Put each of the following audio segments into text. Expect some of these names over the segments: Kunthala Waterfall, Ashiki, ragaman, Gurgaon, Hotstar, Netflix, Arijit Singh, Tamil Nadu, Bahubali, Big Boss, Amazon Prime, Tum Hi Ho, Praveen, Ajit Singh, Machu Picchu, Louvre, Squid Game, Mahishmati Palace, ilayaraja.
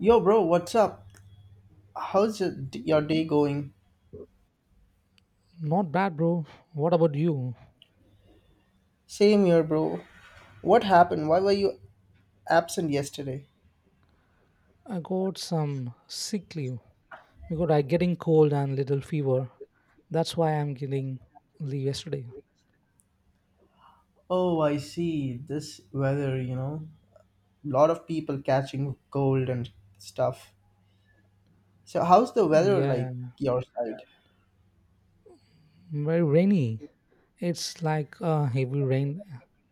Yo, bro, what's up? How's your day going? Not bad, bro. What about you? Same here, bro. What happened? Why were you absent yesterday? I got some sick leave because I getting cold and little fever. That's why I'm getting leave yesterday. Oh, I see. This weather, lot of people catching cold and stuff. So, how's the weather Yeah, like yeah. your side? Very rainy. It's like heavy rain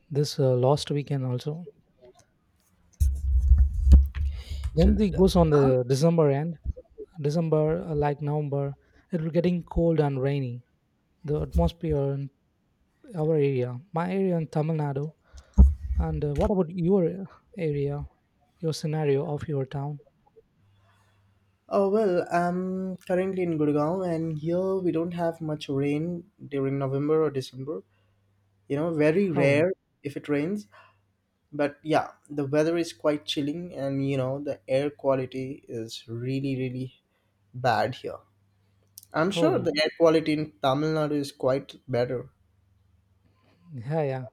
this last weekend also. So, When it d- goes on the December end, December like November, it will getting cold and rainy. The atmosphere in our area, my area in Tamil Nadu, and what about your area, your scenario of your town? oh well, I'm currently in Gurgaon, and here we don't have much rain during November or December. You know, very Oh, rare if it rains. But yeah, the weather is quite chilling, and the air quality is really really bad here. I'm sure oh, the air quality in Tamil Nadu is quite better. yeah, yeah.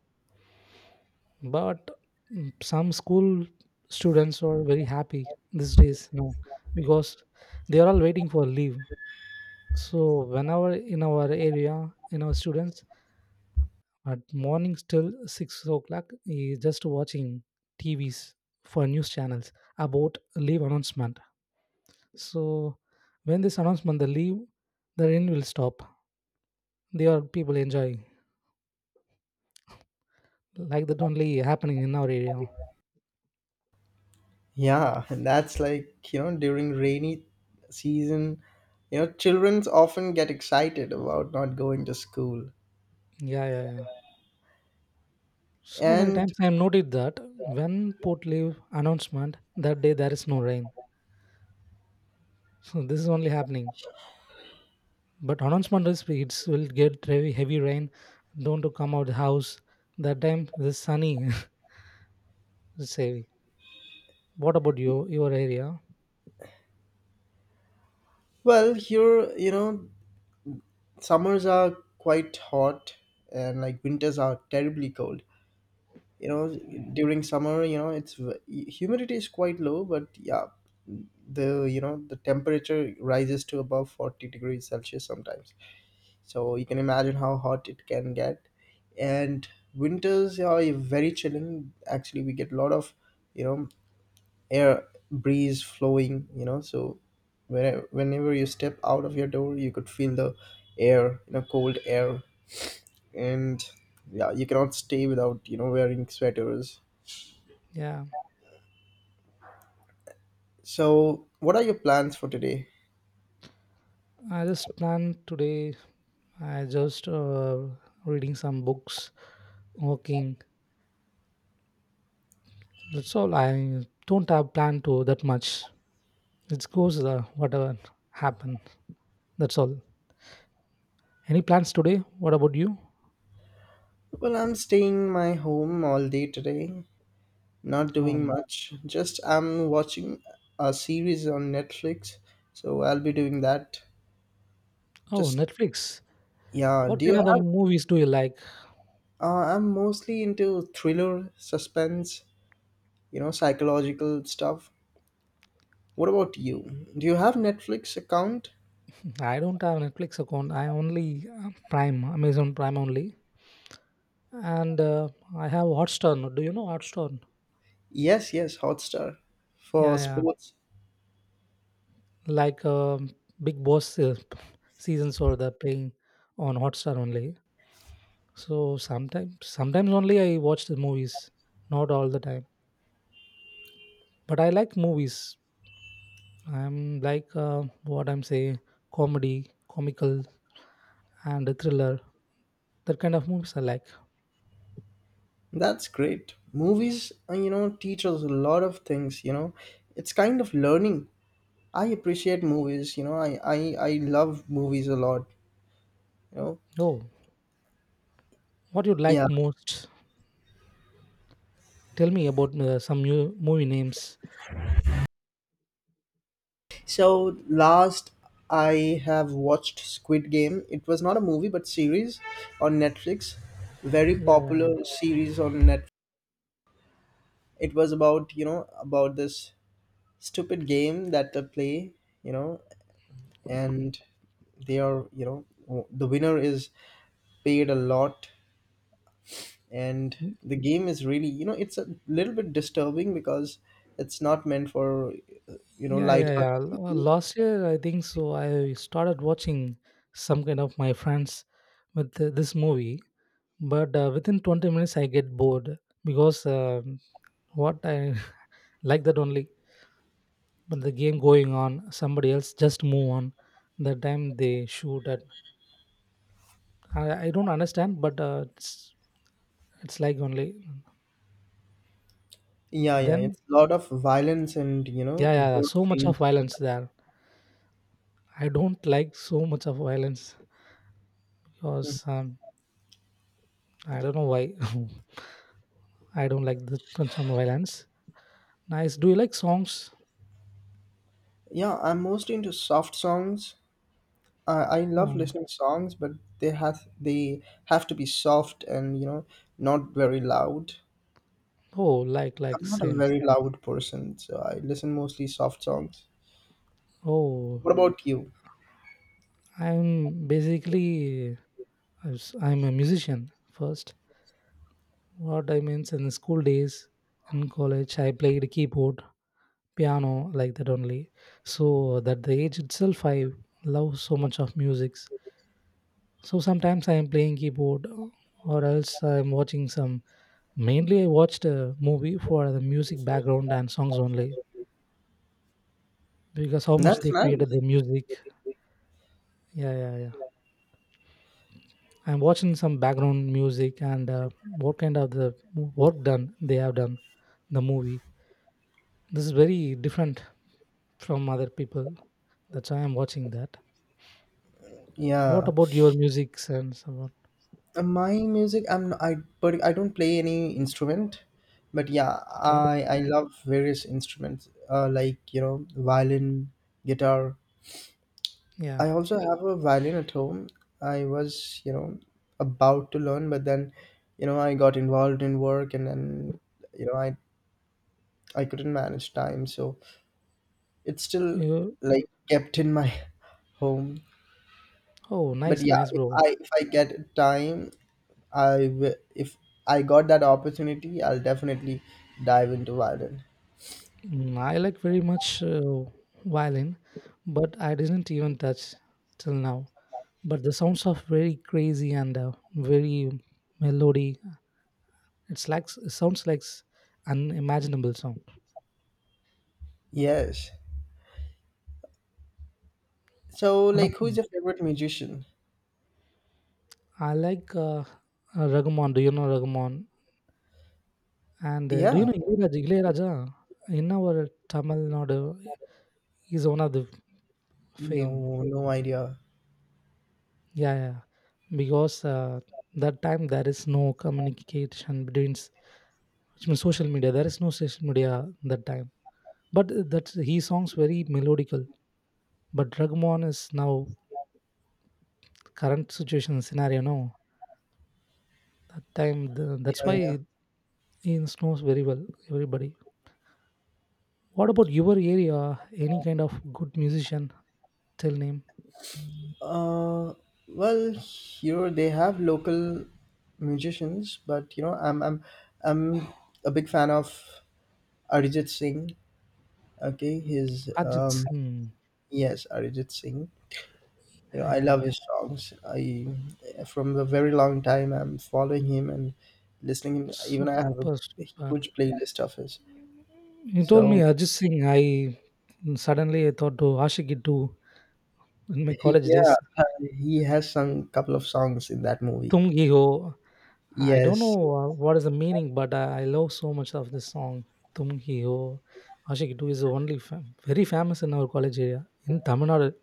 But some school students are very happy these days, you know, because they are all waiting for leave. So whenever in our area, in our students at morning till 6 o'clock is just watching TVs for news channels about leave announcement. So when this announcement, the leave, the rain will stop. They are people enjoy like that only happening in our area. Yeah, and that's like, during rainy season, children often get excited about not going to school. Yeah, yeah, yeah. So many And times I have noted that when port leave announcement that day there is no rain. So this is only happening. But announcement is it's will get heavy rain. Don't to come out the house. That time it is sunny. it's heavy. What about you your area? well here, you know summers are quite hot, and like winters are terribly cold. You know during summer, humidity is quite low. But yeah, the, the temperature rises to above 40 degrees celsius sometimes, so you can imagine how hot it can get. And winters are very chilling. Actually, we get a lot of, you know air breeze flowing, so whenever you step out of your door you could feel the air, cold air. And yeah, you cannot stay without, wearing sweaters. Yeah, So, what are your plans for today? I just plan today. I just reading some books, walking. That's all. I don't have plan to that much. It goes whatever happen. That's all. Any plans today? What about you? Well, I'm staying my home all day today, not doing Um, much. Just I'm watching a series on Netflix, so I'll be doing that. oh, Just Netflix. yeah, What do you kind of the have movies do you like? I'm mostly into thriller, suspense, psychological stuff. What about you? Do you have Netflix account? I don't have Netflix account. I only Prime, Amazon Prime only, and I have Hotstar. Now. Do you know Hotstar? Yes, yes, Hotstar for Yeah, yeah. sports. Like Big Boss seasons or the playing on Hotstar only. So sometimes only I watch the movies, not all the time. But I like movies. I'm like what I'm saying, comedy, comical, and thriller. That kind of movies I like. That's great. Movies, teach us a lot of things, It's kind of learning. I appreciate movies. I love movies a lot, you know. Oh, what you Yeah. like most? Tell me about some new movie names. So last I have watched Squid Game. It was not a movie but series on Netflix. Very Yeah, popular series on Netflix. It was about, about this stupid game that they play, you know, and they are, you know, the winner is paid a lot, and the game is really, it's a little bit disturbing because it's not meant for yeah, yeah, yeah. light-hearted people. Last year, I think so. I started watching some kind of my friends with this movie, but within 20 minutes, I get bored because what I like that only. But the game going on, somebody else just move on. The time they shoot at, I don't understand, but it's like only Yeah, yeah, then. it's a lot of violence and, Yeah, yeah, yeah, gore so much of scenes. violence there. I don't like so much of violence because I don't know why I don't like the some violence. Nice. Do you like songs? Yeah, I'm mostly into soft songs. I love Oh, listening to songs, but they have to be soft, and, not very loud. oh, like I'm not a same. very loud person, so I listen mostly soft songs. What Oh, about you? I'm basically I'm a musician first. What I means in school days, in college, I played keyboard, piano like that only. So that the age itself, I love so much of music. So sometimes I am playing keyboard, or else I'm watching some mainly, I watched a movie for the music background and songs only because how much That's they created nice. the music. Yeah, yeah, yeah. I'm watching some background music and what kind of the work done they have done the movie. This is very different from other people. That's why I'm watching that. What Yeah. about your music sense? About My music, I'm I but I don't play any instrument, but yeah, okay, I love various instruments, like violin, guitar. yeah. I also have a violin at home. I was, about to learn, but then, I got involved in work, and then, you know I I couldn't manage time, so it's still You, like kept in my home. oh, But nice, yeah, nice, if bro. I get time, I if I got that opportunity, I'll definitely dive into violin. Mm, I like very much violin, but I didn't even touch till now. But the sounds are very crazy and very melody it's like it sounds like unimaginable sound Yes. So one of like, who's your favorite musician? I like Ragaman, do you know Ragaman, and Yeah. do you know Ilayaraja? Ilayaraja in our Tamil Nadu is one of the fame. No, no idea. Yeah, yeah, because that time there is no communication between which means social media, there is no social media that time. But that's his songs very melodical but Ragman is now current situation scenario no that time the, that's Yeah, why yeah. it, it snows very well everybody. What about your area, any kind of good musician? Tell name. Uh, well, here they have local musicians, but I'm a big fan of Arijit Singh. Okay, his Ajit Singh, yes, Arijit Singh. You know, I yeah, love his songs. I from a very long time I'm following him and listening him. Even I have a super super. huge playlist of his. You told me So Ajit Singh, I suddenly I thought to Ashiki too in my he, college days. He has sung couple of songs in that movie. Tum Hi Ho. I don't Yes. know what is the meaning but I love so much of this song. Tum Hi Ho. Ashiki too is only very famous in our college area in Tamil Nadu.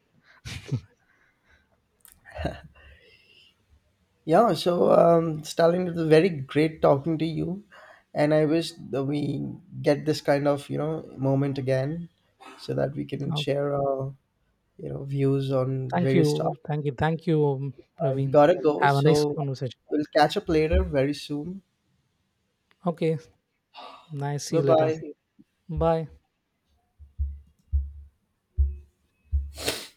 Yeah, so, Stalin, it was very great talking to you, and I wish that we get this kind of, moment again, so that we can share our, views on Thank various you. topics. Thank you. Thank you, I Praveen. gotta go, Have a nice so conversation. we'll catch up later very soon. Okay. Nice. See Bye you later. bye. Bye.